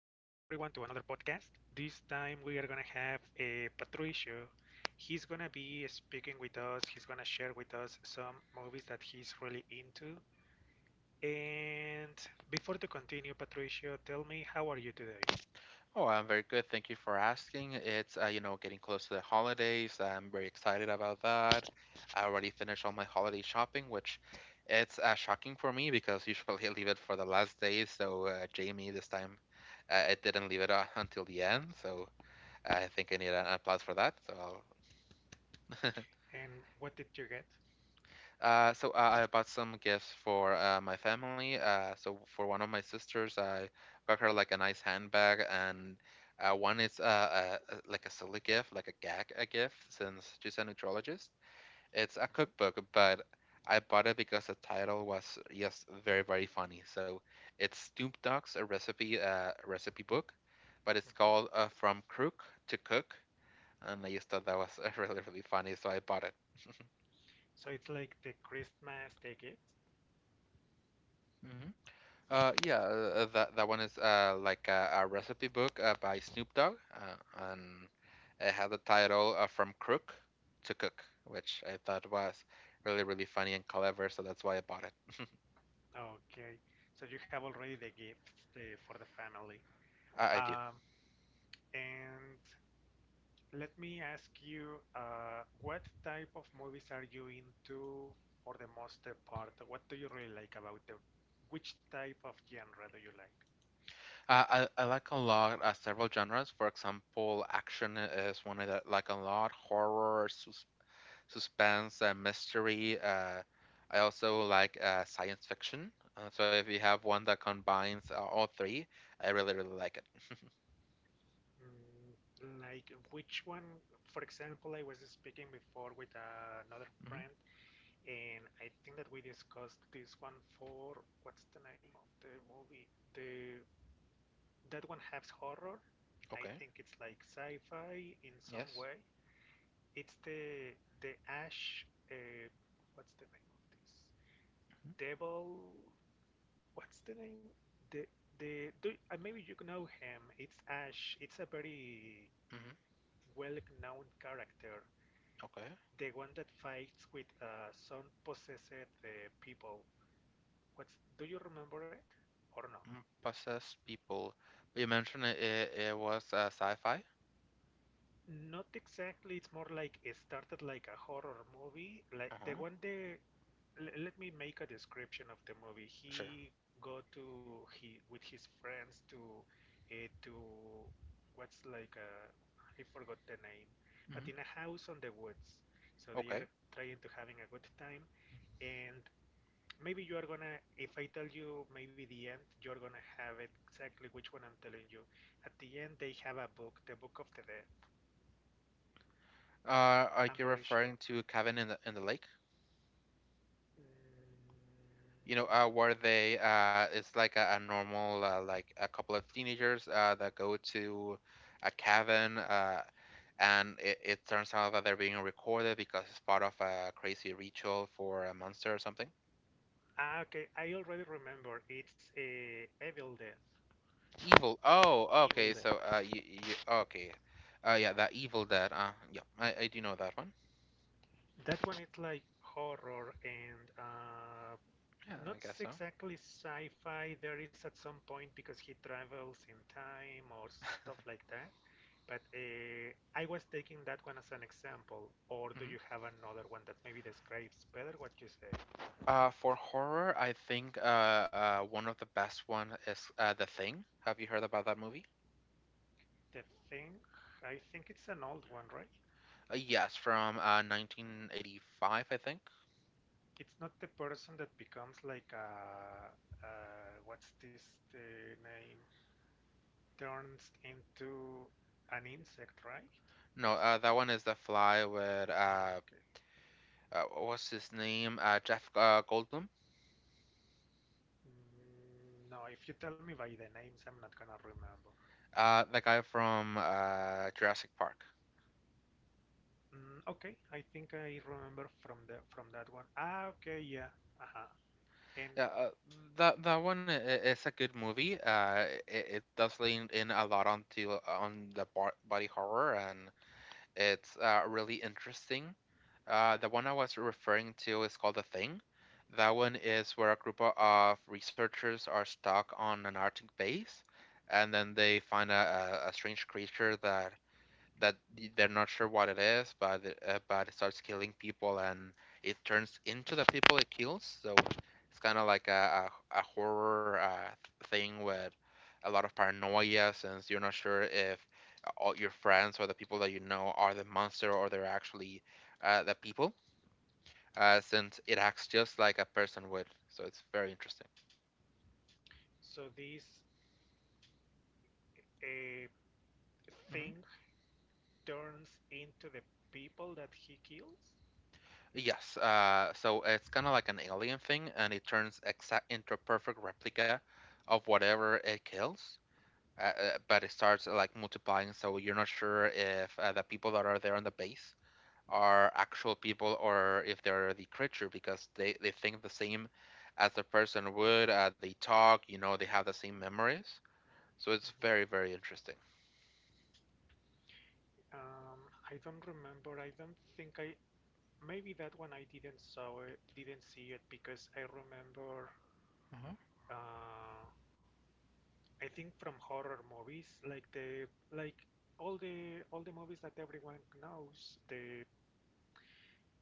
to another podcast. This time we are gonna have a Patricio. He's gonna be speaking with us. He's gonna share with us some movies that he's really into. And before to continue, Patricio, tell me how are you today, Oh, I'm very good. Thank you for asking. It's getting close to the holidays. I'm very excited about that. I already finished all my holiday shopping, which it's shocking for me because usually I leave it for the last day. So Jamie, this time, it didn't leave it until the end. So I think I need an applause for that. So I'll and what did you get? I bought some gifts for my family. So for one of my sisters, I got her like a nice handbag, and one is like a silly gift, like a gag a gift, since she's a nutrologist. It's a Mhm, cookbook, but I bought it because the title was yes, very funny. So it's Snoop Dogg's a recipe book, but it's mhm. called From Crook to Cook, and I just thought that was really funny, so I bought it. So it's like the Christmas, the gifts. Mhm. Yeah, that one is like a recipe book by Snoop Dogg, and it had the title "From Crook to Cook," which I thought was really funny and clever, so that's why I bought it. Okay, so you have already the gifts for the family. I do. Um, and let me ask you, what type of movies are you into for the most part? What do you really like about them? Which type of genre do you like? I like a lot several genres. For example, action is one I like a lot. Horror, suspense, mystery. I also like science fiction. So if you have one that combines all three, I really like it. Mm, like which one? For example, I was speaking before with another hmm friend, and I think that we discussed this one for what's the name of the movie? The That one has horror. I Okay. think it's like sci-fi in some Yes. way. It's the Ash. What's the name of this? hmm Devil. What's the name? The Maybe you know him. It's Ash. It's a very hmm well-known character. Okay. The one that fights with some possessed people. What's Do you remember it or no? Mm, possess people. You mentioned it was sci-fi. Not exactly. It's more like it started like a horror movie, like the Uh-huh. one let me make a description of the movie. Sure. Go to he with his friends to uh, to what's like a I forgot the name, but hmm in a house on the woods. So they are Okay. trying to having a good time, and maybe you are gonna if I tell you maybe the end, you're gonna have it exactly which one I'm telling you. At the end, they have a book, the Book of the Dead. Are I'm you very sure. referring to Cabin in the Lake? Mm, You know, where they it's like a normal like a couple of teenagers that go to a cabin, and it turns out that they're being recorded because it's part of a crazy ritual for a monster or something. ah, okay. I already remember. It's Evil Dead. Evil. Oh, Evil okay. Dead. So, you okay? Yeah, that Evil Dead. I do know that one. That one is like horror and Yeah, not I guess so. exactly sci-fi. There is at some point because he travels in time or stuff like that. But I was taking that one as an example. Or do hmm you have another one that maybe describes better what you say? For horror, I think one of the best one is The Thing. Have you heard about that movie? The Thing? I think it's an old one, right? Yes, from 1985, I think. It's not the person that becomes like a what's this the name turns into an insect, right? Or No, that something? one is The Fly with Ah, okay. What's his name? Jeff Goldblum. Mm, no, if you tell me by the names, I'm not gonna remember. The guy from Jurassic Park. Mm, okay, I think I remember from the from that one. Ah, okay, yeah. Uh-huh. And Yeah, that one is a good movie. It does lean in a lot onto on the bo body horror, and it's really interesting. The one I was referring to is called The Thing. That one is where a group of researchers are stuck on an Arctic base, and then they find a strange creature that they're not sure what it is, but it starts killing people and it turns into the people it kills. So it's kind of like a horror thing with a lot of paranoia since you're not sure if all your friends or the people that you know are the monster or they're actually the people. Since it acts just like a person would, so it's very interesting. so this uh, thing turns into the people that he kills. Yes, so it's kind of like an alien thing, and it turns exact into a perfect replica of whatever it kills. But it starts like multiplying, so you're not sure if the people that are there on the base are actual people or if they're the creature because they think the same as the person would. They talk, you know, they have the same memories. So it's Mm-hmm. very, very interesting. Um, I don't remember. I don't think I maybe that one I didn't saw it, didn't see it because I remember Mhm. uh, I think from horror movies like the like all the movies that everyone knows the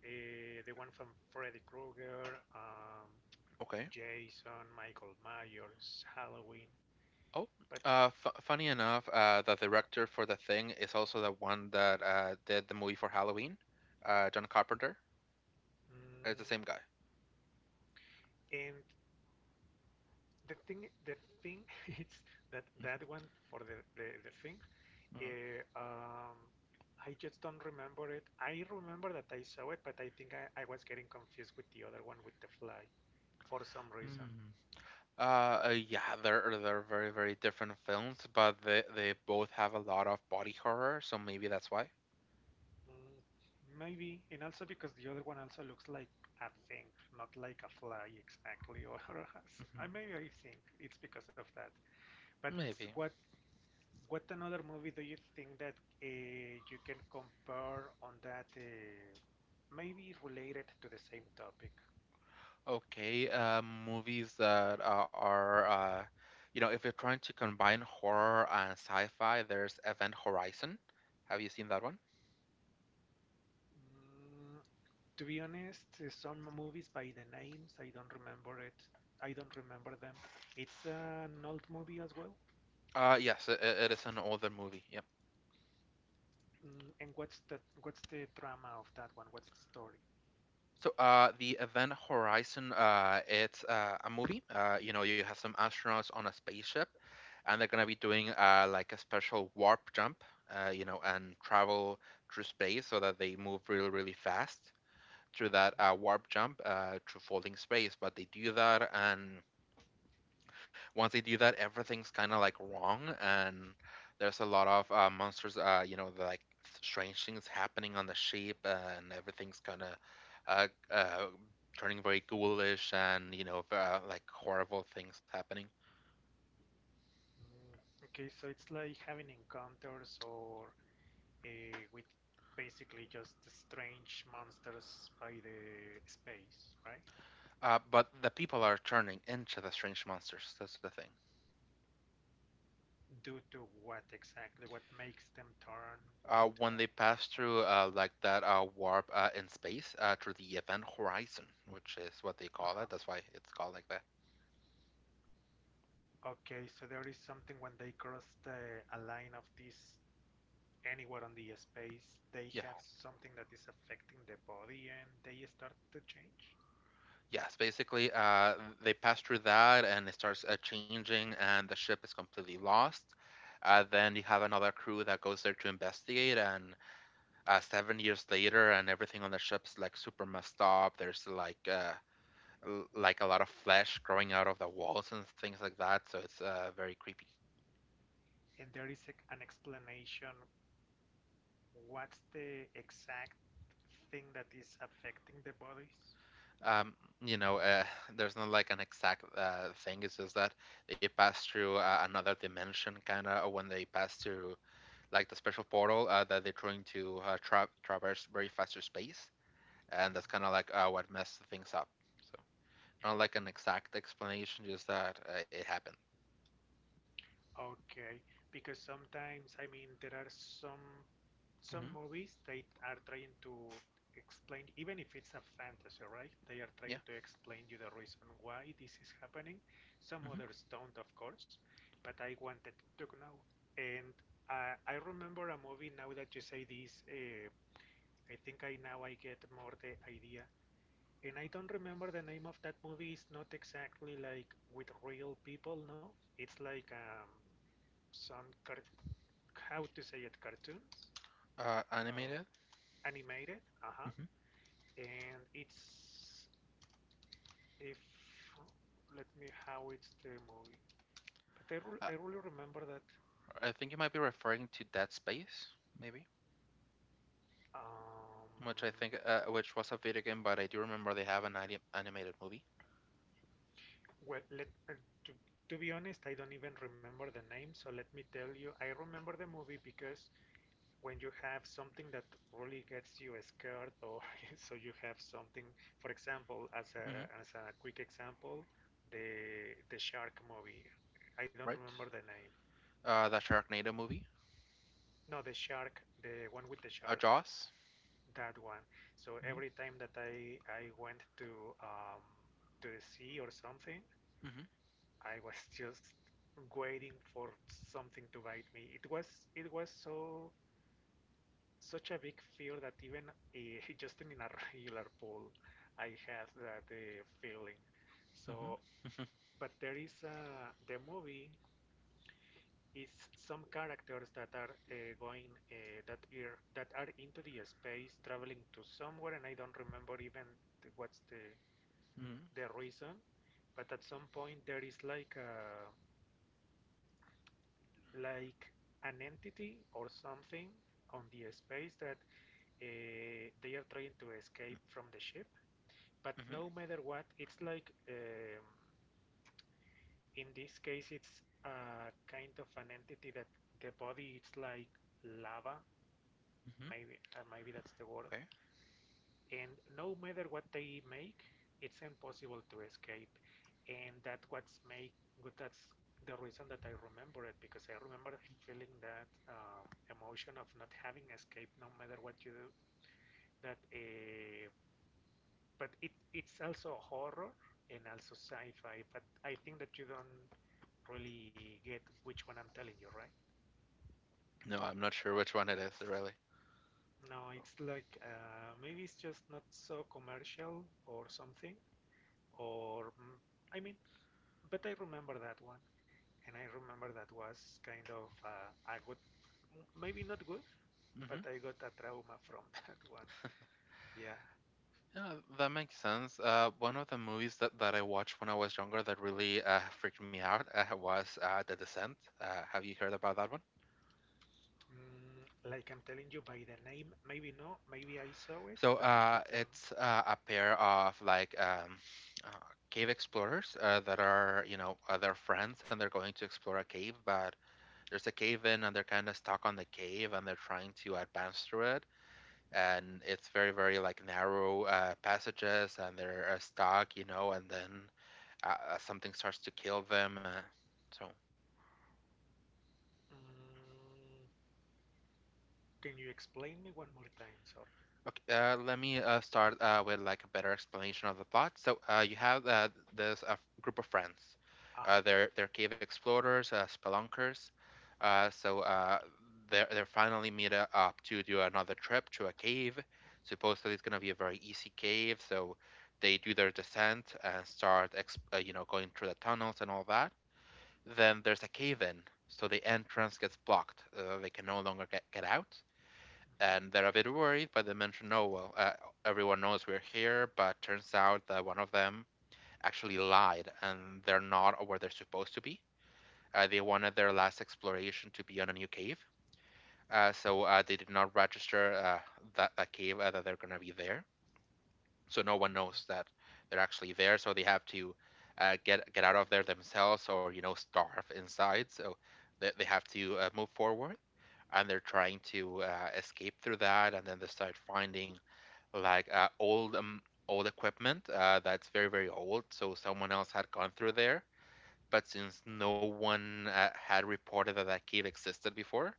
uh, the one from Freddy Krueger, Okay. Jason, Michael Myers, Halloween, Oh, but f funny enough, the director for The Thing is also the one that did the movie for Halloween. John Carpenter. It's the same mm, guy. and the thing is that that one for the thing. Mhm. Eh, um, I just don't remember it. I remember that I saw it, but I think I was getting confused with the other one with the fly for some reason. Mm. Yeah, they're very different films, but they both have a lot of body horror, so maybe that's why. Mm, maybe, and also because the other one also looks like a thing, not like a fly exactly, or Mhm. I maybe I think it's because of that. But Maybe. What another movie do you think that you can compare on that maybe related to the same topic? Okay, movies that you know, if you're trying to combine horror and sci-fi, there's Event Horizon. Have you seen that one? Mm, to be honest, some movies by the names I don't remember it. I don't remember them. It's an old movie as well. Uh, yes, it, it is an older movie. Yep. Mm, and what's that? What's the drama of that one? What's the story? So, the Event Horizon, it's a movie. You know, you have some astronauts on a spaceship, and they're gonna be doing like a special warp jump. You know, and travel through space so that they move really, really fast through that warp jump through folding space. But they do that, and once they do that, everything's kind of like wrong, and there's a lot of monsters. You know, the, like strange things happening on the ship, and everything's kind of uh, uh, turning very ghoulish, and you know, like horrible things happening. Mm, okay, so it's like having encounters or with basically just strange monsters by the space, right? But the people are turning into the strange monsters. That's the thing. Due to what exactly? What makes them turn into When that? they pass through like that warp in space through the event horizon, which is what they call Uh-huh. it. That's why it's called like that. Okay, so there is something when they cross the a line of this anywhere on the space they Yeah. have something that is affecting the body and they start to change, Yes, basically, they pass through that and it starts changing, and the ship is completely lost. Then you have another crew that goes there to investigate, and 7 years later, and everything on the ship's like super messed up. There's like like a lot of flesh growing out of the walls and things like that, so it's very creepy. and there is a, an explanation, what's the exact thing that is affecting the bodies. Um, you know, there's not like an exact thing. It's just that they pass through another dimension, kind of, when they pass through like the special portal that they're trying to traverse very faster space, and that's kind of like what messed things up. So not like an Mm-hmm. exact explanation, just that it happened. Okay, because sometimes I mean there are some Mhm. Some movies they are trying to explain, even if it's a fantasy, right? They are Yeah, trying to explain you the reason why this is happening. Some others don't, of course, but I wanted to know. And I remember a movie now that you say this. I think I now I get more the idea. And I don't remember the name of that movie. It's not exactly like with real people, no? It's like some how to say it, cartoons. Uh, animated. Animated, uh-huh, Mhm. and it's if let me how it's the movie, but I Uh, really remember that. I think you might be referring to Dead Space, maybe, Um, which I think, which was a video game, but I do remember they have an animated movie, well, to, to be honest, I don't even remember the name, so let me tell you, I remember the movie because when you have something that really gets you scared, or so you have something, for example, as Mhm. A quick example, the shark movie. I don't right? remember the name. The Sharknado movie, No, the shark, the one with the shark, Jaws. that one. So Mm-hmm. every time that I went um to the sea or something, Mm-hmm. I was just waiting for something to bite me. It was so such a big fear that even just in a regular pool, I had that feeling. So, Mm-hmm. but there is a the movie is some characters that are going that are into the space traveling to somewhere and I don't remember even what's Mm-hmm. the reason but at some point there is like a like an entity or something on the space that they are trying to escape from the ship but Mhm. no matter what it's like in this case it's a kind of an entity that the body it's like lava Mm-hmm. maybe maybe that's the word. Okay. And no matter what they make, it's impossible to escape. And that's the reason that I remember it because I remember feeling that emotion of not having escape no matter what you do. That But it it's also horror and also sci-fi. But I think that you don't really get which one I'm telling you, right? No, I'm not sure which one it is, really. No, it's like maybe it's just not so commercial or something, or mm, I mean, but I remember that one, and I remember that was kind of a good, maybe not good, but hmm I got a trauma from that one. Yeah. Yeah, that makes sense. One of the movies that, I watched when I was younger that really freaked me out was The Descent. Have you heard about that one? Mm, like I'm telling you by the name, maybe no, maybe I saw it, So but if you uh, tell me, it's uh, a pair of like uh, cave explorers that are, you know, they're friends and they're going to explore a cave, but there's a cave in and they're kind of stuck on the cave and they're trying to advance through it. And it's very like narrow passages and they're stuck, you know, and then something starts to kill them, so mm, can you explain me one more time? Sorry. okay, let me start with like a better explanation of the plot. So you have this group of friends. Aha. they're cave explorers, spelunkers. So they're finally meet up to do another trip to a cave. Supposedly it's gonna be a very easy cave. So they do their descent and start you know, going through the tunnels and all that. Then there's a cave in. So the entrance gets blocked. They can no longer get out Mhm, and they're a bit worried, but they mention, "Oh well, everyone knows we're here." But turns out that one of them actually lied, and they're not where they're supposed to be. They wanted their last exploration to be on a new cave, so they did not register that that cave that they're gonna be there. So no one knows mhm, that they're actually there. So they have to get out of there themselves, or you know, starve inside. So they have to move forward and they're trying to escape through that and then they start finding like old old equipment that's very old, so someone else had gone through there, but since no one had reported that that cave existed before,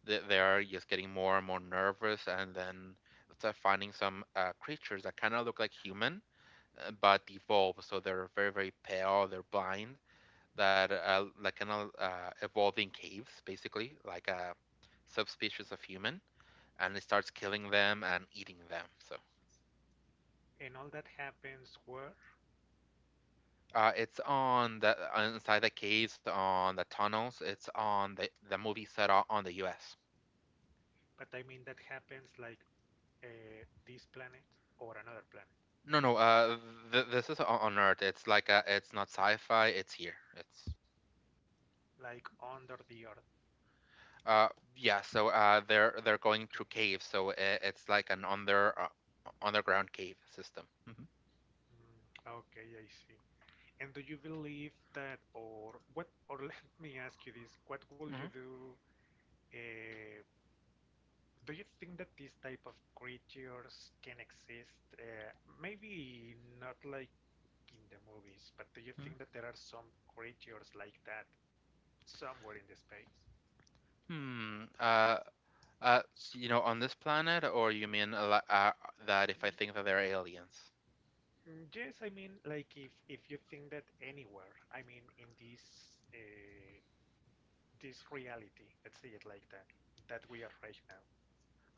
they are mhm. just getting more and more nervous and then start finding some creatures that kind of look like human, but evolve, so they're very pale, they're blind, that like kind of evolve in caves, basically like a subspecies of human, and it starts killing them and eating them, so And all that happens where? uh, it's on the inside the caves on the tunnels. It's on the movie set out on the U.S. But I mean, that happens like this planet or another planet. No, no. This is on Earth. It's like it's not sci-fi. It's here. It's Like under the earth. uh, yeah. They're going Okay. through caves. So I it's like an under underground cave system. Mm, okay, I see. And do you believe that, or what, or let me ask you this, what will you do? Uh, do you think that these type of creatures can exist? Maybe not like in the movies, but do you think that there are some creatures like that somewhere in the space? Hmm. Uh, on this planet, or you mean that if Mm, I think that they're aliens? yes, I mean, like if you think that anywhere, I mean, in this this reality. Let's say it like that. That we are right now.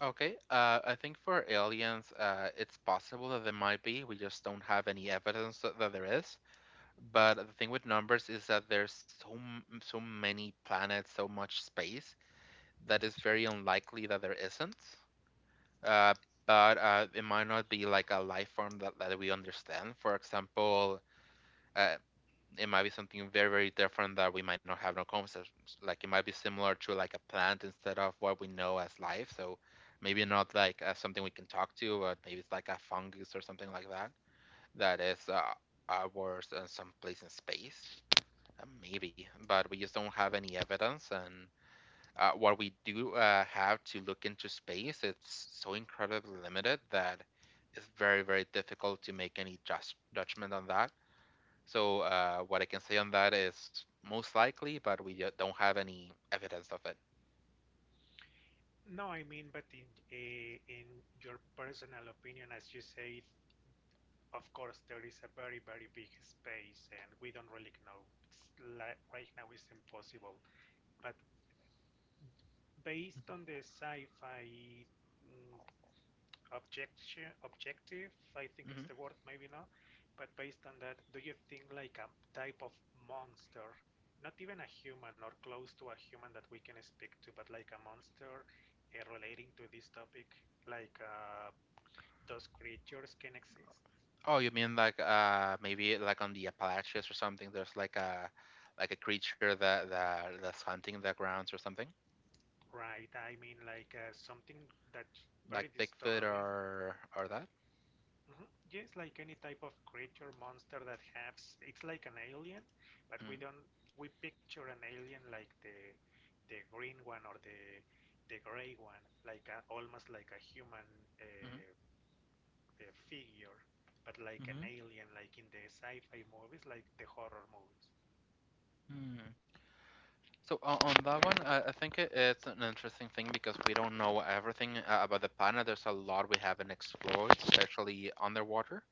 Okay, I think for aliens, it's possible that there might be. We just don't have any evidence that there is. But the thing with numbers is that there's so many planets, so much space that it's very unlikely that there isn't. Uh, but It might not be like a life form that we understand. For example, uh, it might be something very very different that we might not have no concept like it might be similar to like a plant instead of what we know as life, so maybe not like Mm-hmm. something we can talk to, but maybe it's like a fungus or something like that that is ours in some place in space, maybe, but we just don't have any evidence, and what we do have to look into space it's so incredibly limited that it's very very difficult to make any just judgment on that. So what I can say on that is most likely, but we don't have any evidence of it. No, I mean, but in your personal opinion, as you say, of course there is a very very big space, and we don't really know. It's like right now it's impossible. But based on the sci-fi mm, objection objective, I think it's Hmm. the word, maybe not, but based on that do you think like a type of monster, not even a human or close to a human that we can speak to but like a monster relating to this topic like those creatures can exist, Oh, you mean like maybe like on the Appalachians or something? There's like a creature that's hunting the grounds or something, right? I mean like something that's like very Bigfoot disturbing. Or that. Mhm. Yes, like any type of creature monster that has, it's like an alien, but we don't Mm-hmm. we picture an alien like the green one or the gray one, like a, almost like a human uh, uh, figure, but like Mm-hmm. an alien, like in the sci-fi movies, like the horror movies. Mm. So on that one, I think it's an interesting thing because we don't know everything about the planet. There's a lot we haven't explored, especially underwater.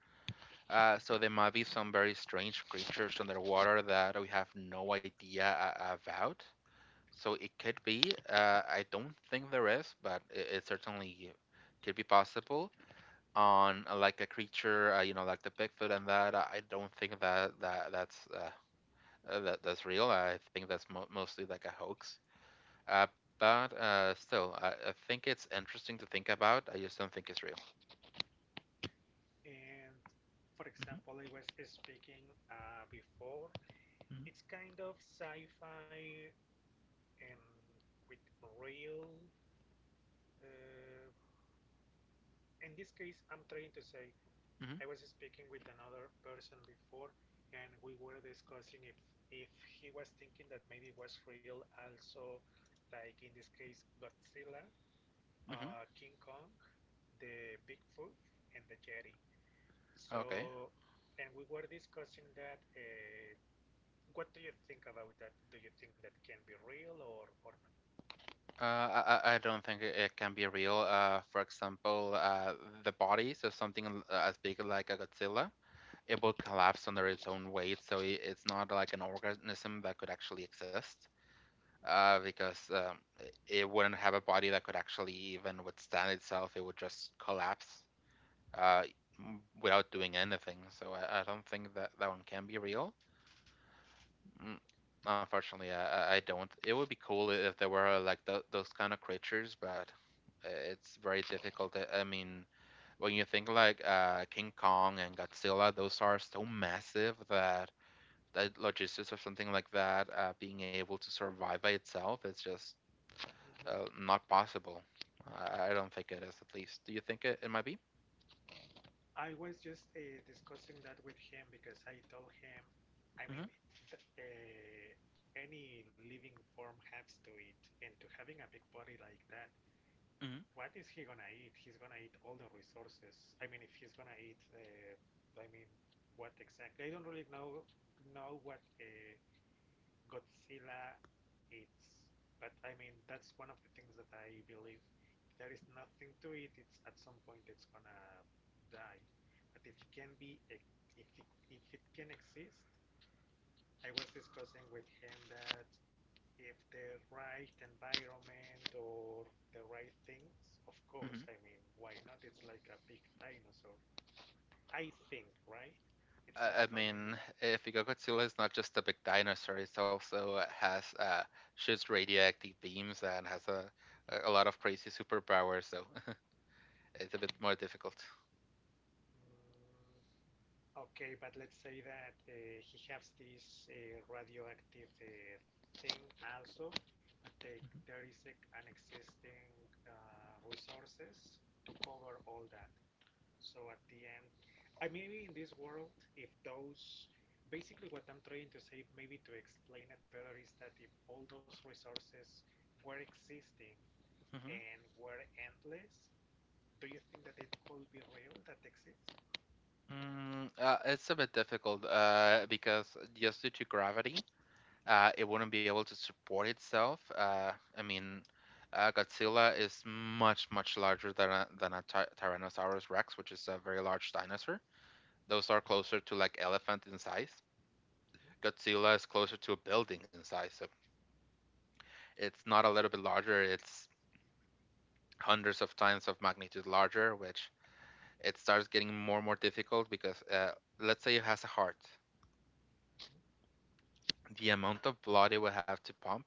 So there might be some very strange creatures underwater that we have no idea about. So it could be. I don't think there is, but it certainly could be possible. On like a creature, you know, like the Bigfoot and that. I don't think that that's real. I think that's mo mostly like a hoax. Uh, but still, I think it's interesting to think about. I just don't think it's real. And for hmm example, I was speaking before, it's kind of sci-fi and with real. Uh, in this case, I'm trying to say hmm I was speaking with another person before, and we were discussing if he was thinking that maybe it was real also, like in this case, Godzilla, hmm hmm King Kong, the Bigfoot, and the Yeti. So, Okay. and we were discussing that. What do you think about that? Do you think that can be real or not? I don't think it can be real. For example, the body of something as big like a Godzilla, it will collapse under its own weight, so I it's not like an organism that could actually exist. Because it wouldn't have a body that could actually even withstand itself. It would just collapse uh, without doing anything. So I don't think that that one can be real. Mm, Unfortunately, I don't. It would be cool if there were like th those kind of creatures, but it's very difficult. I mean, when you think like King Kong and Godzilla, those are so massive that the logistics of something like that being able to survive by itself is just Mhm. not possible. I don't think it is, at least. Do you think it might be? I was just discussing that with him because I told him. I mean, hmm th any living form has to eat, and to having a big body like that, hmm what is he gonna eat? He's gonna eat all the resources. I mean, if he's gonna eat, I mean, what exactly? I don't really know what Godzilla, it's. But I mean, that's one of the things that I believe. If there is nothing to it, it's at some point it's gonna die. But if it can be, e, if it, if it can exist, I was discussing with him that if the right environment or the right things, of hmm course, I mean, why not? It's like a big dinosaur. I think, right? It's I for me, mean, if you go Godzilla is not just a big dinosaur, it's also has shoots radioactive beams and has a lot of crazy superpowers, so it's a bit more difficult. mm, okay, but let's say that he has this radioactive thing also. Take there is a, an existing uh, resources to cover all that. So at the end, I maybe in this world, if those, basically what I'm trying to say, maybe to explain it better, is that if all those resources were existing Mhm, and were endless, do you think that it could be real that exists? Mm, it's a bit difficult because just due to gravity, it wouldn't be able to support itself. I mean, Godzilla is much, much larger than a ty Tyrannosaurus Rex, which is a very large dinosaur. Those are closer to like elephant in size. Mhm, Godzilla is closer to a building in size, so it's not a little bit larger. It's hundreds of times of magnitude larger, which it starts getting more and more difficult because let's say it has a heart. mhm, The amount of blood it would have to pump,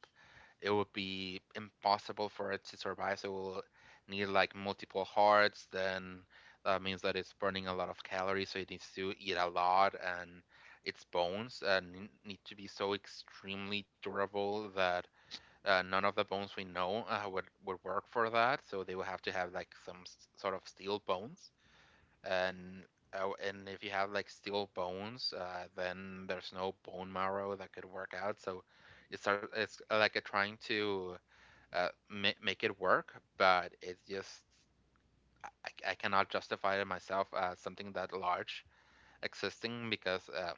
it would be impossible for it to survive. So it will need like multiple hearts. Then that means that it's burning a lot of calories, so it needs to eat a lot, and its bones need to be so extremely durable that none of the bones we know would work for that. So they would have to have like some sort of steel bones, and and if you have like steel bones, then there's no bone marrow that could work out. So it's it's like a trying to make it work, but it's just I cannot justify it myself as something that large existing because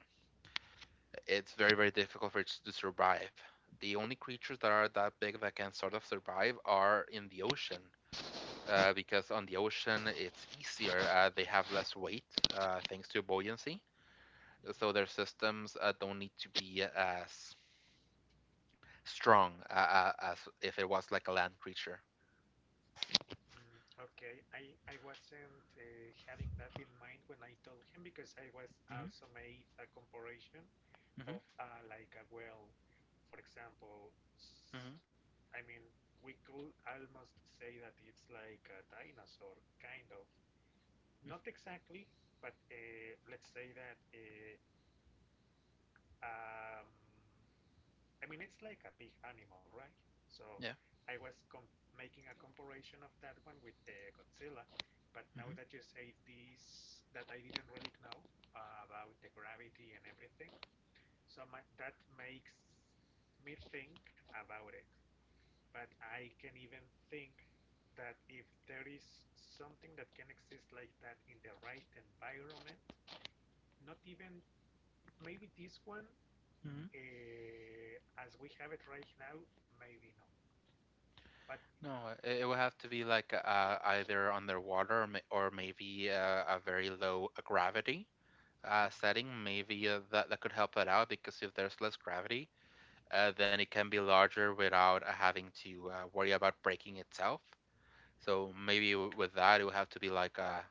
it's very very difficult for it to survive. The only creatures that are that big that can sort of survive are in the ocean. Because on the ocean it's easier. They have less weight thanks to buoyancy so mhm. their systems don't need to be as strong as if it was like a land creature. Mm, okay, I wasn't having that in mind when I told him because I was Mm-hmm, also made a comparison mm-hmm, of like a well, for example, mm-hmm, I mean, we could almost say that it's like a dinosaur, kind of. Not exactly, but let's say that. Um, I mean, it's like a big animal, right? So yeah. I was making a comparison of that one with Godzilla, but now Mm-hmm, that you say this, that I didn't really know about the gravity and everything, so my, that makes me think about it. But I can even think that if there is something that can exist like that in the right environment, not even maybe this one mm-hmm. As we have it right now, maybe no. But No, it would have to be like either underwater, or maybe a very low gravity setting. Maybe that that could help it out because if there's less gravity, then it can be larger without having to worry about breaking itself. So maybe with that, it would have to be like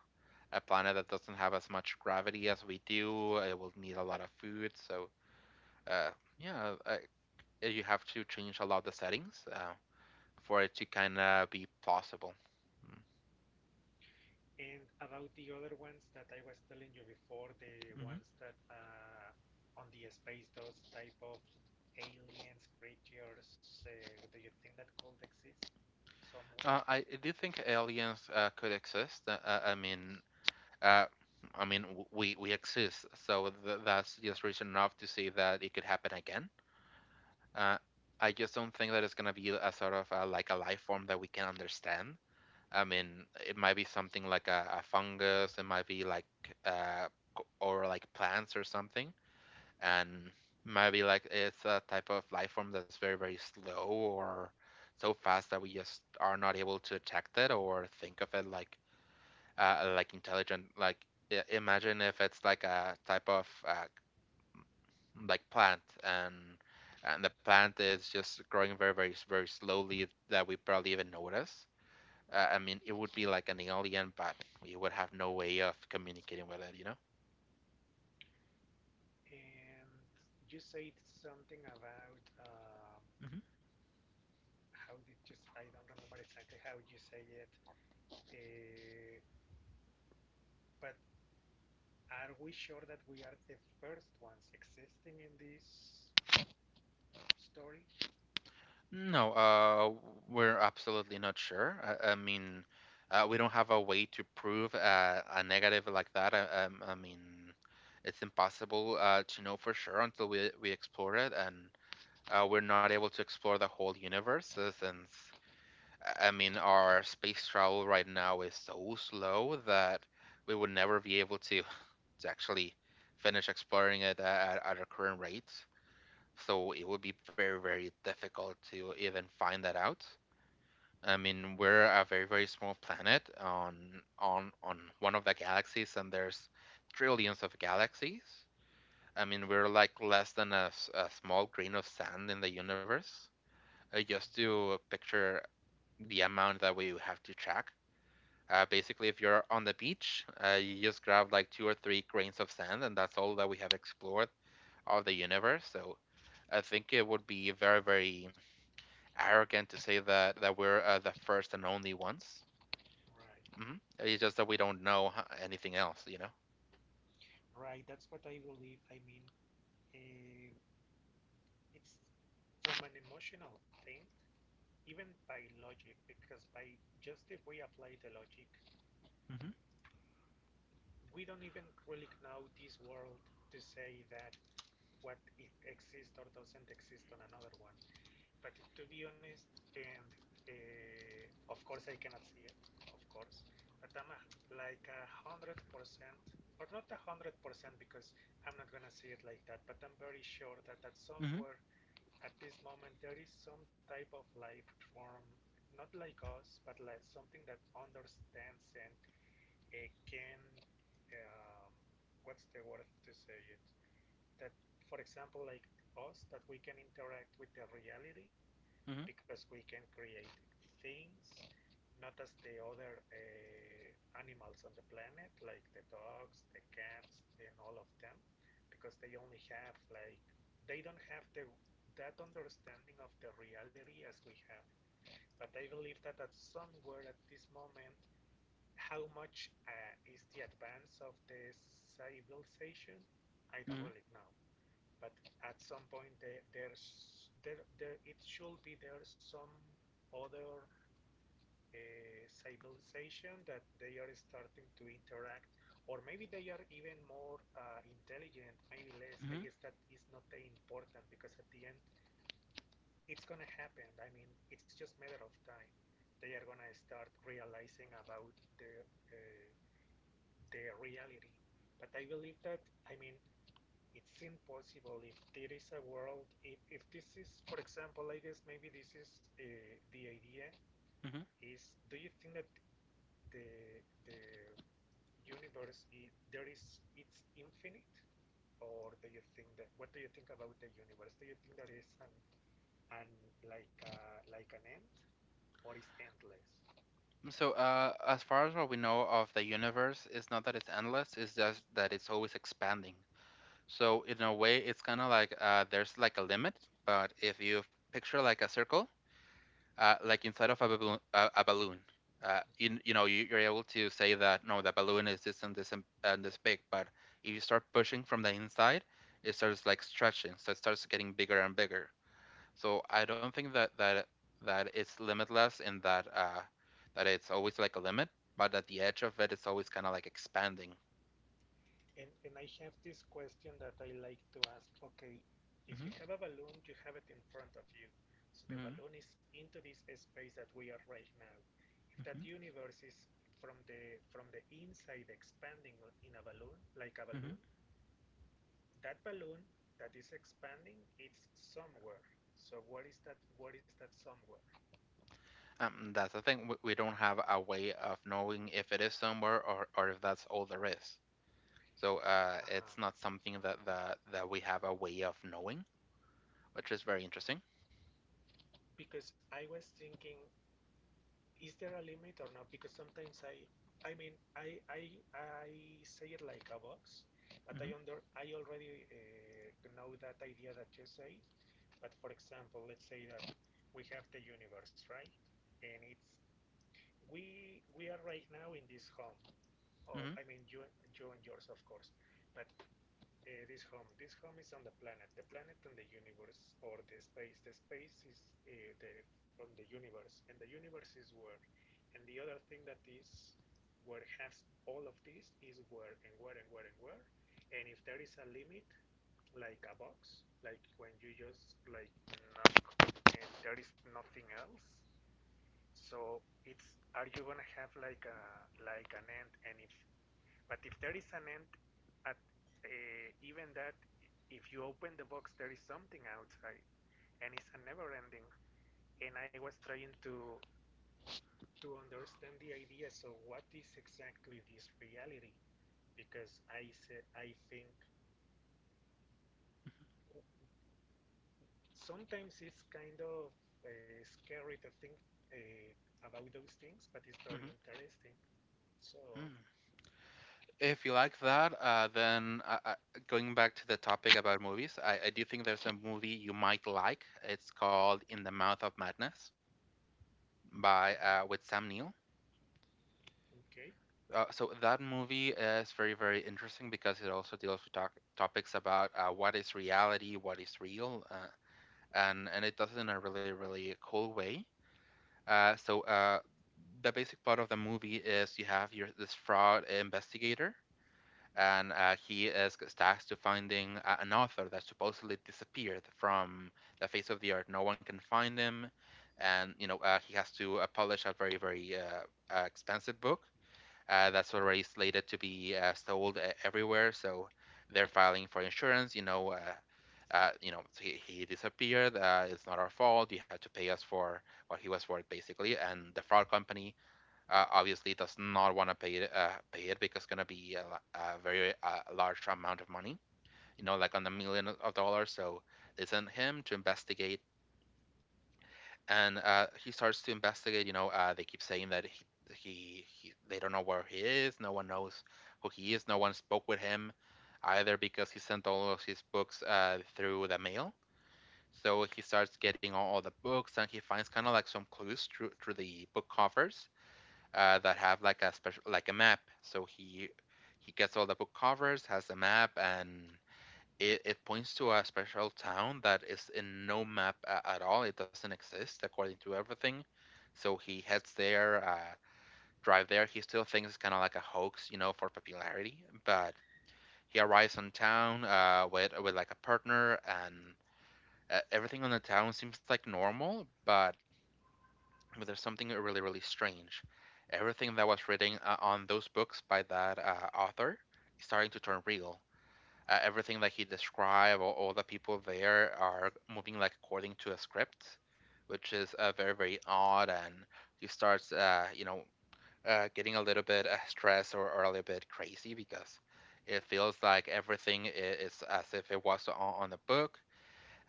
a planet that doesn't have as much gravity as we do. It will need a lot of food. So, uh, yeah, you have to change a lot of the settings for it to kind of be possible. and about the other ones that I was telling you before, the Mm-hmm. ones that on the space, those type of aliens, creatures, do you think that could exist somewhere? I do think aliens could exist. Uh, I mean, we exist, so that's just reason enough to say that it could happen again. Uh, I just don't think that it's gonna be a sort of like a life form that we can understand. I mean, it might be something like a fungus, it might be like uh, or like plants or something, and might be like it's a type of life form that's very, very slow or so fast that we just are not able to detect it or think of it like intelligent. Like imagine if it's like a type of like plant and the plant is just growing very, very, very slowly that we probably even notice I mean, it would be like an alien, but you would have no way of communicating with it, you know? And you said something about Mhm. how did you? I don't remember exactly how you say it, uh, but are we sure that we are the first ones existing in this story? No, we're absolutely not sure. I mean, we don't have a way to prove a negative like that. I I mean, it's impossible to know for sure until we explore it, and we're not able to explore the whole universe since I mean, our space travel right now is so slow that we would never be able to actually finish exploring it at our current rates. So it would be very, very difficult to even find that out. I mean, we're a very, very small planet on on one of the galaxies, and there's trillions of galaxies. I mean, we're like less than a small grain of sand in the universe. Just Mm-hmm. to picture the amount that we have to track. Basically, if you're on the beach, you just grab like two or three grains of sand, and that's all that we have explored of the universe. So I think it would be very, very arrogant to say that we're the first and only ones. Right, Hmm. It's just that we don't know anything else, you know. right. That's what I believe. Eh, it's from an emotional thing, even by logic, because by just if we apply the logic, Mm-hmm. we don't even really know this world to say that what it exists or doesn't exist on another one. But to be honest, and of course I cannot see it, of course, but I'm a, like 100%, or not 100% because I'm not gonna see it like that, but I'm very sure that at Mm-hmm. somewhere at this moment there is some type of life form, not like us, but like something that understands and can, um, what's the word to say it? That, for example, like us, that we can interact with the reality Mm-hmm. because we can create things not as the other animals on the planet, like the dogs, the cats, and all of them, because they only have like they don't have the that understanding of the reality as we have. But I believe that at somewhere at this moment, how much is the advance of the civilization? I don't really know, but at some point there's there it should be there's some other civilization that they are starting to interact or maybe they are even more intelligent, maybe less. I Mm-hmm. guess that is not that important because at the end it's gonna happen. I mean, it's just a matter of time, they are gonna start realizing about the uh, their reality. But I believe that, I mean, it's impossible if there is a world if this is for example, I guess maybe this is the idea Mm-hmm. is, do you think that the universe, I there is, it's infinite, or do you think that, what do you think about the universe? Do you think there is an, like a like an end, or is endless? So, as far as what we know of the universe, it's not that it's endless, it's just that it's always expanding. So, in a way, it's kind of like there's like a limit, but if you picture like a circle, like inside of a balloon, a balloon. Mhm. You know, you are able to say that no, the balloon is this and this and this big, but if you start pushing from the inside, it starts like stretching, so it starts getting bigger and bigger. So I don't think that that it's limitless in that that it's always like a limit, but at the edge of it, it's always kind of like expanding. And I have this question that I like to ask. Okay, if Mm-hmm. you have a balloon, you have it in front of you. So the balloon is into this space that we are right now. If that Mm-hmm. universe is from the inside expanding in a balloon, like a Mm-hmm. Balloon that is expanding, it's somewhere. So what is that? What is that somewhere? That's the thing. We don't have a way of knowing if it is somewhere, or if that's all there is. So Uh-huh. it's not something that we have a way of knowing, which is very interesting. Because I was thinking, is there a limit or not? Because sometimes I mean, I say it like a box, but hmm I under I already know that idea that you say. But for example, let's say that we have the universe, right? And it's we are right now in this home. Oh, I hmm mean you, you and yours, of course. But this home is on the planet and the universe, or the space. The space is uh, the on the universe, and the universe is where. And the other thing that is where has all of this is where and where and where and where. And if there is a limit, like a box, like when you just like knock and there is nothing else, so it's, are you gonna have like a like an end? And if but if there is an end at even that, if you open the box, there is something outside, and it's a never ending. And I was trying to understand the idea. So what is exactly this reality? Because I said I think sometimes it's kind of scary to think uh, about those things, but it's very hmm interesting. So hmm If you like that, then going back to the topic about movies, I do think there's a movie you might like. It's called In the Mouth of Madness by with Sam Neill. okay. So that movie is very, very interesting because it also deals with talk topics about what is reality, what is real, and it does it in a really, really cool way. Uh, so uh, the basic plot of the movie is you have your this fraud investigator, and he is tasked to finding an author that supposedly disappeared from the face of the earth. No one can find him, and you know he has to publish a very very expensive book that's already slated to be sold everywhere. So they're filing for insurance. He disappeared. It's not our fault. You had to pay us for what he was worth, basically. And the fraud company obviously does not want to pay it because it's gonna be a very large amount of money, you know, Mhm, like on the million of dollars. So they send him to investigate, and he starts to investigate. You know, they keep saying that he they don't know where he is. No one knows who he is. No one spoke with him either because he sent all of his books through the mail. So he starts getting all the books, and he finds kind of like some clues through the book covers that have like a special like a map. So he gets all the book covers, has a map, and it points to a special town that is in no map at all. It doesn't exist according to everything. So he heads there, drive there. He still thinks it's kind of like a hoax, you know, for popularity, but he arrives in town with like a partner, and everything on the town seems like normal, but there's something really really strange. Everything that was written on those books by that author is starting to turn mhm, real. Everything that he described, all the people there are moving like according to a script, which is very very odd. And he starts, getting a little bit stressed or a little bit crazy because it feels like everything is as if it was on the book.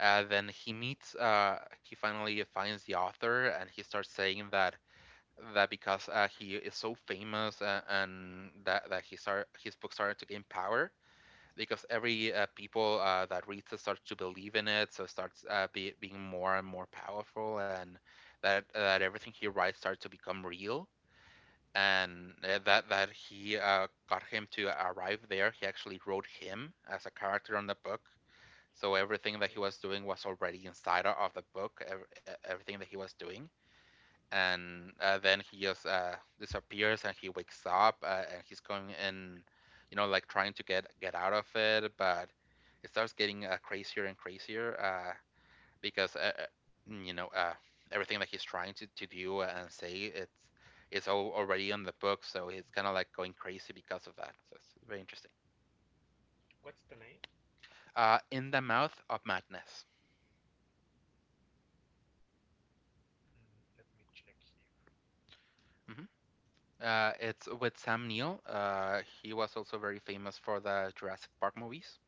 Then he meets, he finally finds the author, and he starts saying that because he is so famous and that that he start his book started to gain power because every people that reads it starts to believe in it, so it starts being more and more powerful, and that everything he writes starts to become real. And that that he got him to arrive there. He actually wrote him as a character on the book, so mhm. everything that he was Yeah. doing was already inside of the book, everything that he was doing. And then he just disappears, and he wakes up and he's going in, you know, like trying to get out of it, but it starts getting crazier and crazier because you know everything that he's trying to do and say, it's all already in the book, so he's kind of like going crazy because of that. So it's very interesting. What's the name? In the Mouth of Madness. Mm, let me check here. Mhm. It's with Sam Neill. He was also very famous for the Jurassic Park movies.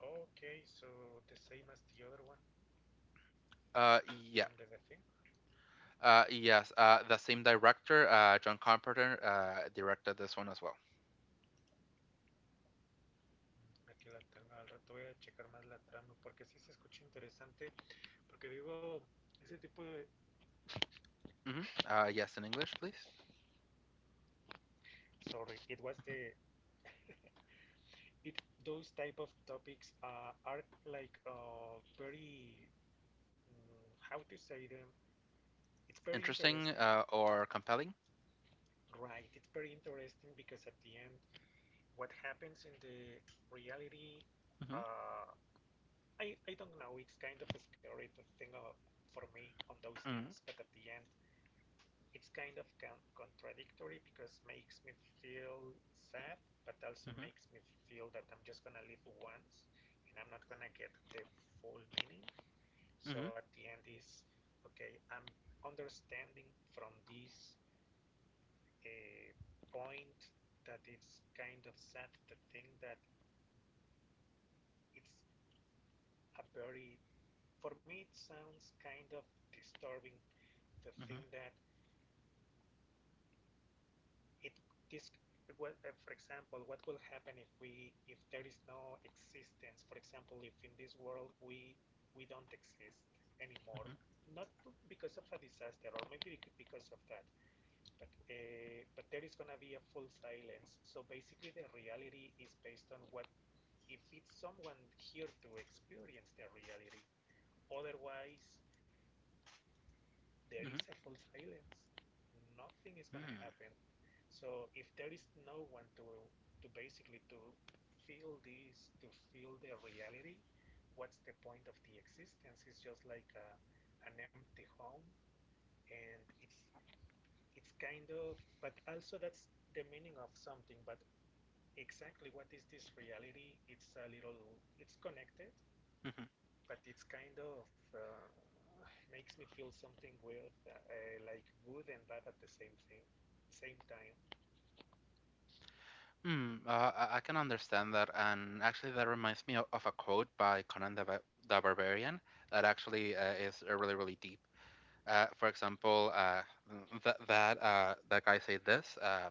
Okay, so the same as the other one Uh, from yeah. The Thing. Yes. The same director, John Carpenter, directed this one as well. Mm, Aquí la tengo, al rato voy a checar más la trama porque sí se escucha interesante. Porque digo, ese tipo de. Hmm. Yes, in English, please. Sorry, it was the. It, those type of topics are like very. Mm, how to say them? It's very Interesting, interesting, or compelling. right? It's very interesting because at the end, what happens in the reality. Hmm. Uh, I don't know. It's kind of scary to think of, for me on those Hmm. things, but at the end, it's kind of contradictory because makes me feel sad, but also Hmm. makes me feel that I'm just gonna live once and I'm not gonna get the full meaning. Hmm. So at the end is okay. I'm understanding from this uh, point that it's kind of sad to think that it's a very, for me it sounds kind of disturbing, the thing that it this what for example what will happen if we if there is no existence, for example if in this world we don't exist anymore, Hmm. not because of a disaster or maybe because of that, but there is gonna be a full silence, so basically the reality is based on what, if it's someone here to experience the reality, otherwise there is Hmm. a full silence. Nothing is Hmm. gonna Hmm. happen. So if there is no one to basically to feel this, to feel the reality, what's the point of the existence? It's just like a, an empty home, and it's kind of. But also that's the meaning of something. But exactly what is this reality? It's a little. It's connected, but it's kind of makes me feel something weird, like good and bad at the same time. Mm, I can understand that, and actually, that reminds me of a quote by Conan the Barbarian that actually is really, really deep. For example, that that guy said this.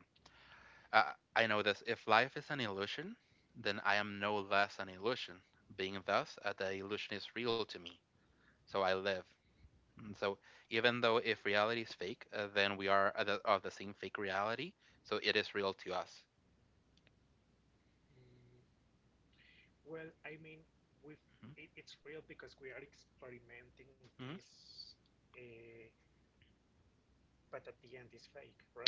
I-, I know this. If life is an illusion, then I am no less an illusion. Being thus, the illusion is real to me, so I live. Mm, so even though if reality is fake, then we are of of the same fake reality, so it is real to us. Mm, well, I mean, we it, it's real because we are experimenting Hmm. this, uh, but at the end it's fake, right?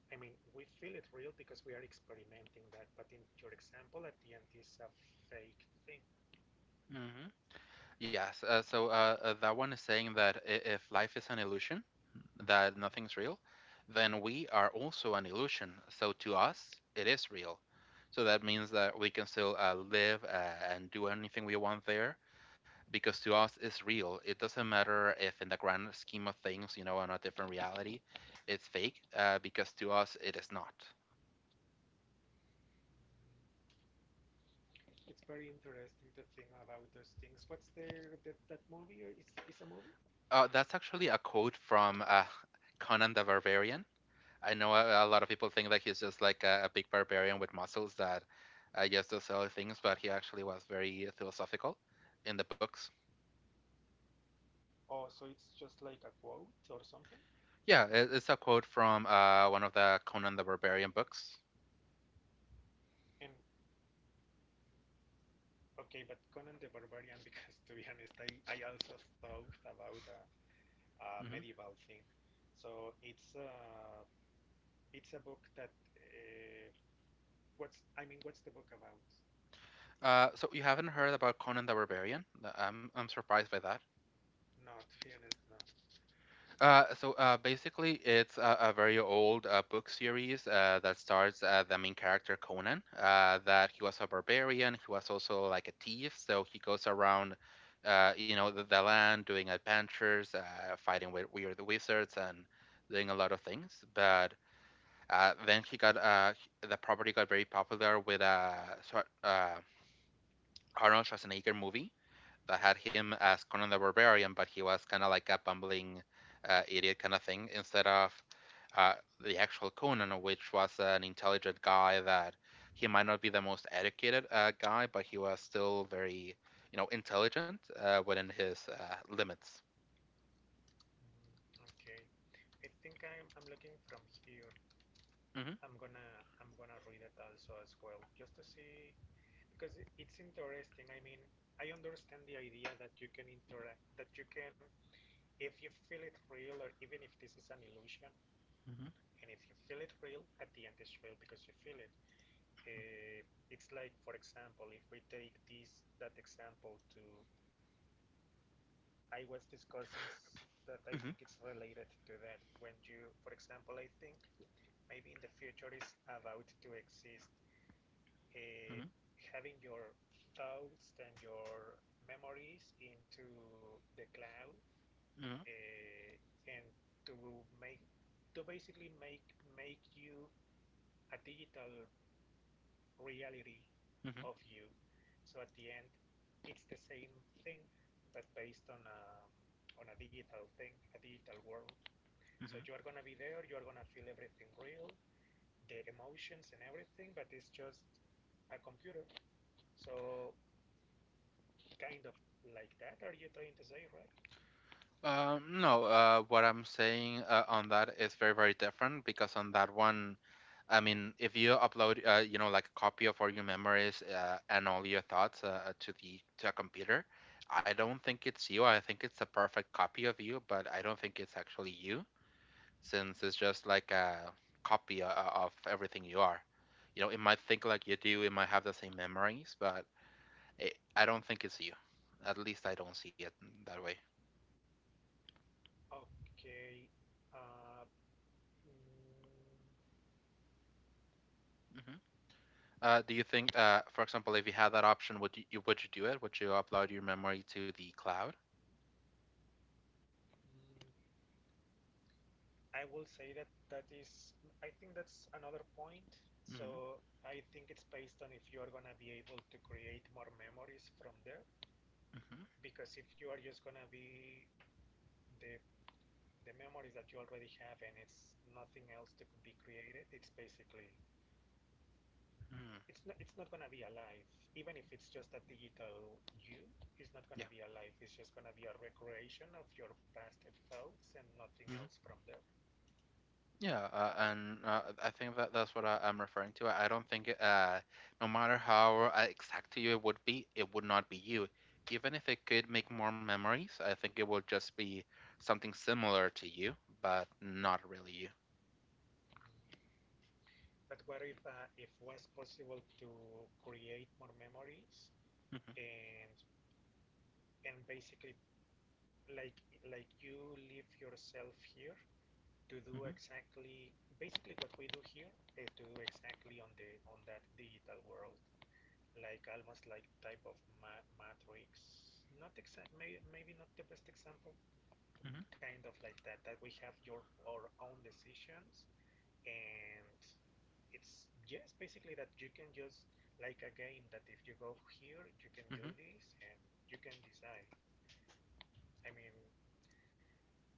I mean, we feel it real because we are experimenting that, but in your example, at the end is a fake thing. Hmm. Yes. That one is saying that if life is an illusion, that Mhm. nothing's real, then we are also an illusion. So to us, it is real. So that means that we can still live and do anything we want there because to us it's real. It doesn't matter if in the grand scheme of things, you know, in a different reality, it's fake because to us it is not. Mm, it's very interesting to think about those things. What's the, that that movie? Or is a movie? That's actually a quote from Conan the Barbarian. I know a lot of people think that he's just like a big barbarian with muscles that I guess does silly things, but Uh-huh. he actually was very philosophical in the books. Oh, so it's just like a quote or something, Yeah, is it? It's a quote from one of the Conan the Barbarian books. And okay, but Conan the Barbarian, because to be honest, I also thought about a Hmm. medieval thing. So it's a book that uh, what's I mean, what's the book about? You haven't heard about Conan the Barbarian? I'm surprised by that. Not to be honest, no. Basically, it's a very old book series that starts the main character Conan. That he was a barbarian. He was also like a thief. So he goes around, you know, the land doing adventures, fighting with weird wizards, and doing a lot of things. But then he got the property got very popular with a Schwar- uh, Arnold Schwarzenegger movie. I had him as Conan the Barbarian, but he was kind of like a bumbling idiot kind of thing instead of uh, the actual Conan, which was an intelligent guy that he might not be the most educated guy, but he was still very, you know, intelligent within his limits. Mm, okay, I think I'm looking from here. Mhm, I'm gonna read it also as well, just to see, because it's interesting. I mean, I understand the idea that you can interact, that you can, if you feel it real, or even if this is an illusion, mhm, and if you feel it real, at the end it's real because you feel it. Uh, it's like, for example, if we take this that example to, I was discussing that I mhm, think it's related to that when you, for example, I think maybe in the future is about to exist, uh, mhm, having your thoughts and your memories into the cloud, mhm, uh, and to make to basically make you a digital reality mhm, of you. So at the end, it's the same thing, but based on on a digital thing, a digital world. So you are mhm. gonna be there. You are gonna feel everything real, the emotions and everything, but it's just a computer. So kind of like that, are you trying to say, right? No, what I'm saying on that is very, very different because on that one, I mean, if you upload, you know, like a copy of all your memories and all your thoughts to the to a computer, I don't think it's you. I think it's a perfect copy of you, but I don't think it's actually you, since it's just like a copy of everything you are. You know, it might think like you do, it might have the same memories, but I don't think it's you. At least I don't see it that way. Okay. Uh, mm, Hmm. Do you think, for example, if you had that option, would you do it? Would you upload your memory to the cloud? mm, I will say that that is, I think that's another point. Hmm. So I think it's based on if you are gonna be able to create more memories from there, Hmm. because if you are just gonna be the the memories that you already have and it's nothing else to be created, it's basically Mm, it's not gonna be alive. Even if it's just a digital you, it's not yeah. gonna be alive. It's just gonna be a recreation of your past thoughts and nothing Hmm. else from there. Yeah, and I think that that's what I'm referring to. I don't think, no matter how exact to you it would be, it would not be you. Even if it could make more memories, I think it would just be something similar to you, but not really you. Mm. But what if it was possible to create more memories Hmm. and and basically like you leave yourself here to do Hmm. exactly basically what we do here, to do exactly on the on that digital world, like almost like type of ma matrix. Not exact, maybe not the best example, Hmm. kind of like that, that we have your our own decisions, and it's just basically that you can just, like a game, that if you go here, you can do Hmm. this and you can decide. I mean,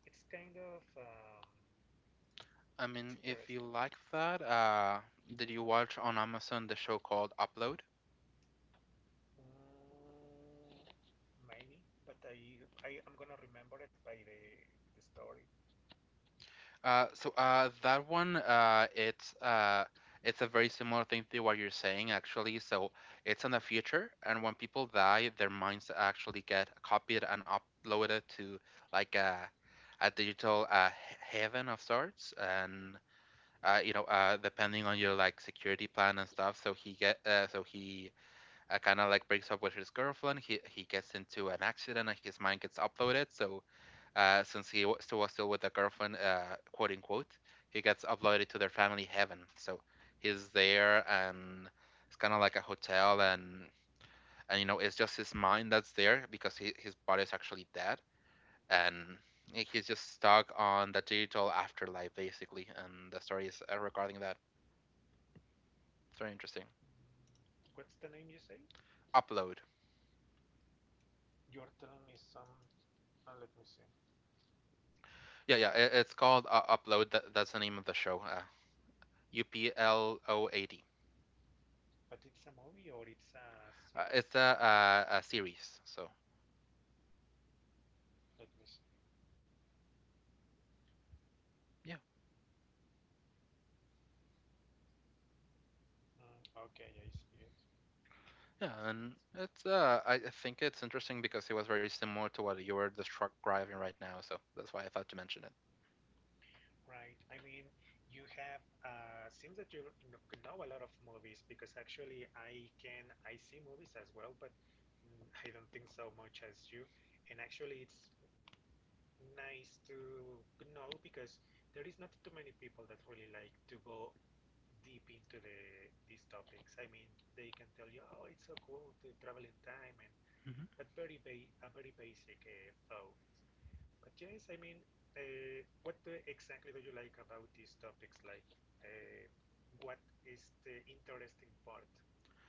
it's kind of I mean, it's if you interesting. like that, did you watch on Amazon the show called Upload? Mm, maybe, but I am gonna remember it by the story. That one, it's a very similar thing to what you're saying, actually. So it's in the future, and when people die, their minds actually get copied and uploaded to like a digital heaven of sorts, and you know, depending on your like security plan and stuff. So he kind of like breaks up with his girlfriend. He gets into an accident, and his mind gets uploaded. So since he wa- still was still with the girlfriend, quote unquote, he gets uploaded to their family heaven. So he's there, and it's kind of like a hotel, and you know it's just his mind that's there because his body is actually dead, and he's just stuck on the digital afterlife, basically. And the story is regarding that. It's very interesting. Mm, what's the name you say? Upload. You're telling me some. Let me see. Yeah, yeah. It's called Upload. That's the name of the show. Upload. But it's a movie or it's a It's series? A series. So Let me see. yeah. Mm, okay, I see it. Yeah, and it's I think it's interesting because it was very similar to what you were describing right now, so that's why I thought to mention it. Right. I mean, you have. Seems that you know a lot of movies, because actually I can. I see movies as well, but mm, I don't think so much as you. And actually, it's nice to know because there is not too many people that really like to go deep into these topics. I mean, they can tell you, oh, it's so cool to travel in time, and Mhm. but a very basic thoughts. But yes, I mean, what do, exactly do you like about these topics? Like, uh, what is the interesting part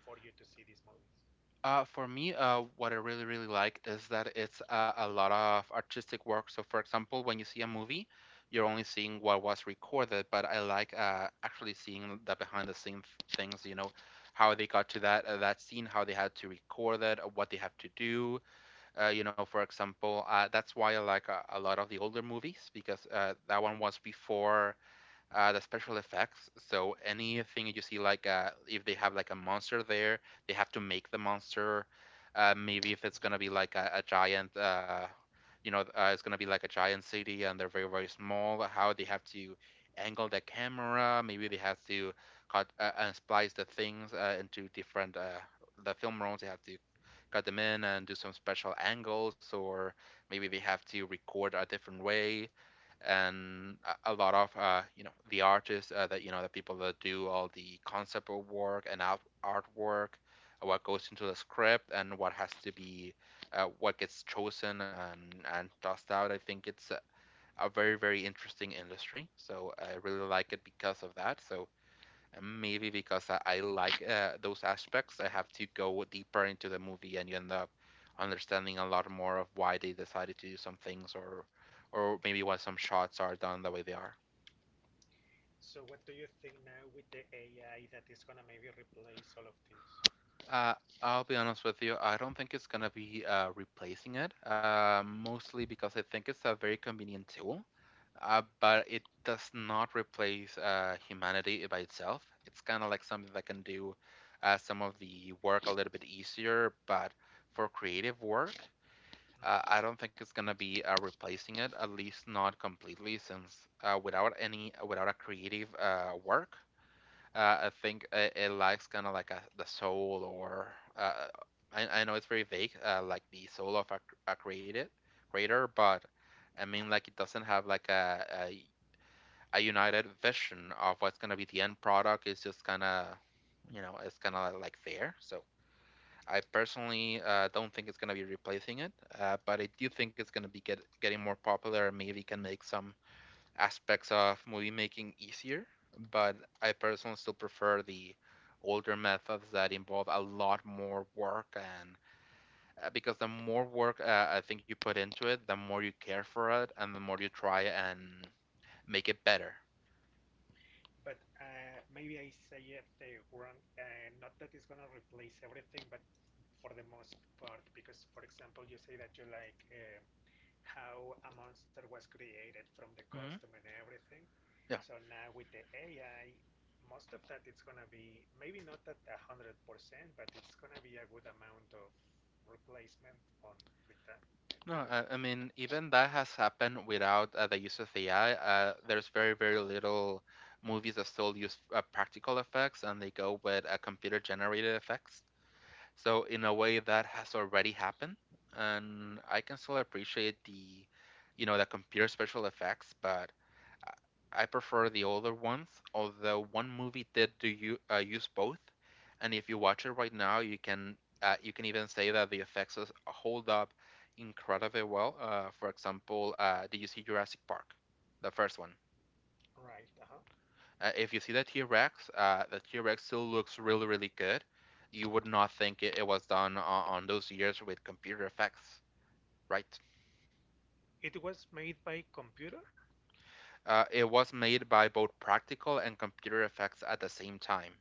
for you to see these movies? For me, what I really really like is that it's a lot of artistic work. So, for example, when you see a movie, you're only seeing what was recorded, but I like actually seeing the behind the scenes things. You know, how they got to that that scene, how they had to record it, what they have to do. For example, that's why I like a lot of the older movies, because that one was before the special effects. So anything you see, like if they have like a monster there, they have to make the monster. Maybe if it's gonna be like a giant, it's gonna be like a giant city and they're very small. How they have to angle the camera. Maybe they have to cut and splice the things into different. The film rolls they have to cut them in and do some special angles, or maybe they have to record a different way. And a lot of you know, the artists that, you know, the people that do all the concept work and artwork, what goes into the script and what has to be, what gets chosen and tossed out. I think it's a very interesting industry. So I really like it because of that. So maybe because I like those aspects, I have to go deeper into the movie, and you end up understanding a lot more of why they decided to do some things, or maybe why some shots are done the way they are. So, what do you think now with the AI that is gonna maybe replace all of this? Uh, I'll be honest with you. I don't think it's gonna be replacing it, mostly because I think it's a very convenient tool, but it does not replace humanity by itself. It's kind of like something that can do some of the work a little bit easier, but for creative work, I Mm-hmm. don't think it's gonna be replacing it, at least not completely, since without any, without a creative work. I think it lacks kind of like the soul, or I know it's very vague, like the soul of a created creator. But I mean, like, it doesn't have like a united vision of what's gonna be the end product. It's just kind of, you know, it's kind of like fair. So I personally don't think it's gonna be replacing it, but I do think it's gonna be getting more popular. And maybe can make some aspects of movie making easier, but I personally still prefer the older methods that involve a lot more work. And because the more work, I think you put into it, the more you care for it, and the more you try and make it better. But maybe I say it wrong. Not that it's gonna replace everything, but for the most part, because for example, you say that you like, how a monster was created from the Hmm. costume and everything. Yeah. So now with the AI, most of that it's gonna be, maybe not at 100%, but it's gonna be a good amount of replacement on with that No, tool. I mean, even that has happened without the use of AI. There's very, very little movies that still use practical effects, and they go with computer generated effects. So in a way that has already happened, and I can still appreciate the, you know, the computer special effects, but I prefer the older ones, although one movie did do you use both. And if you watch it right now, you can even say that hold up incredibly well. For example, did you see Jurassic Park, the first one? Right. Uh-huh. If you see the T Rex still looks really, really good. You would not think it was done on those years with computer effects, right? It was made by computer. It was made by both practical and computer effects at the same time.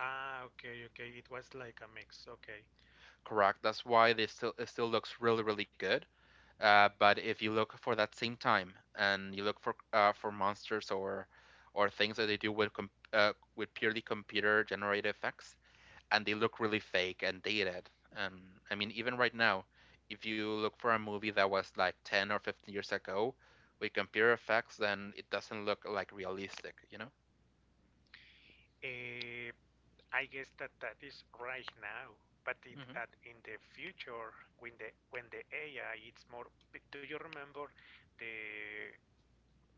Ah, okay, okay. It was like a mix. Okay. Correct. That's why they still, it still looks really, really good. But if you look for that same time and you look for monsters or things that they do with purely computer generated effects, and they look really fake and dated. And I mean, even right now, if you look for a movie that was like 10 or 15 years ago with computer effects, then it doesn't look like realistic, you know? Uh, I guess that that is right now, but it Mm-hmm. at in the future when the AI it's more. Do you remember the?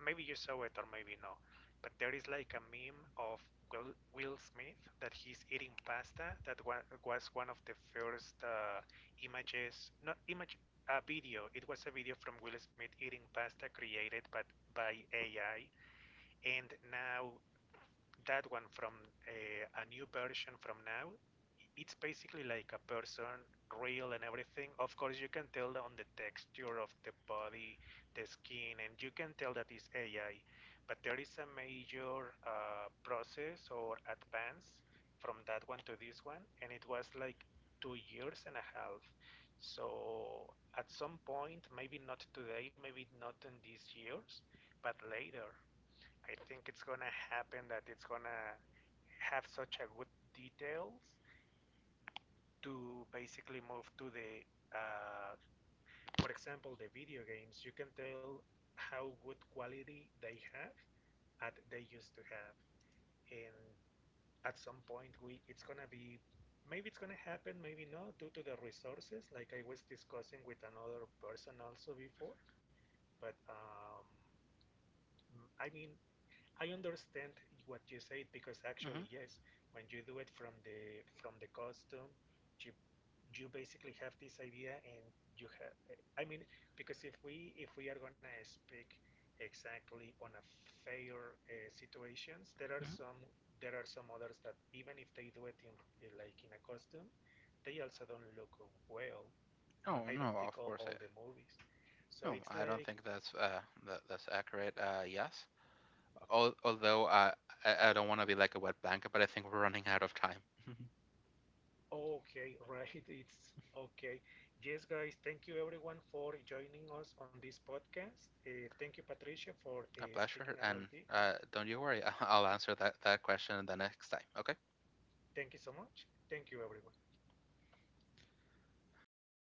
Maybe you saw it or maybe no, but there is like a meme of Will Smith that he's eating pasta. That wa Was one of the first, images, not image, a video. It was a video from Will Smith eating pasta created but by AI. And now that one from, a new version from now, it's basically like a person, real and everything. Of course you can tell on the texture of the body, the skin, and you can tell that it's AI, but there is a major process or advance from that one to this one, and it was like 2 years and a half. So at some point, maybe not today, maybe not in these years, but later, I think it's gonna happen that it's gonna have such a good details to basically move to the, uh, for example, the video games, you can tell how good quality they have, that they used to have. And at some point we, it's gonna be, maybe it's gonna happen, maybe not due to the resources, like I was discussing with another person also before, but I mean, I understand what you said, because Mm-hmm. actually, yes, when you do it from the costume, you you basically have this idea and you have. I mean, because if we are gonna speak exactly on a fair situations, there are Mm-hmm. some, there are some others that even if they do it in, like in a costume, they also don't look well. No, Oh I don't no, think of course, all the movies. So no, it's I don't like think that's that's accurate. Yes. Al- although I don't want to be like a wet blanket, but I think we're running out of time. okay, right. It's okay. Yes, guys, thank you everyone for joining us on this podcast. Thank you, Patricia, for A speaking pleasure. about And this. don't you worry, I'll answer that question the next time. Okay. Thank you so much. Thank you, everyone.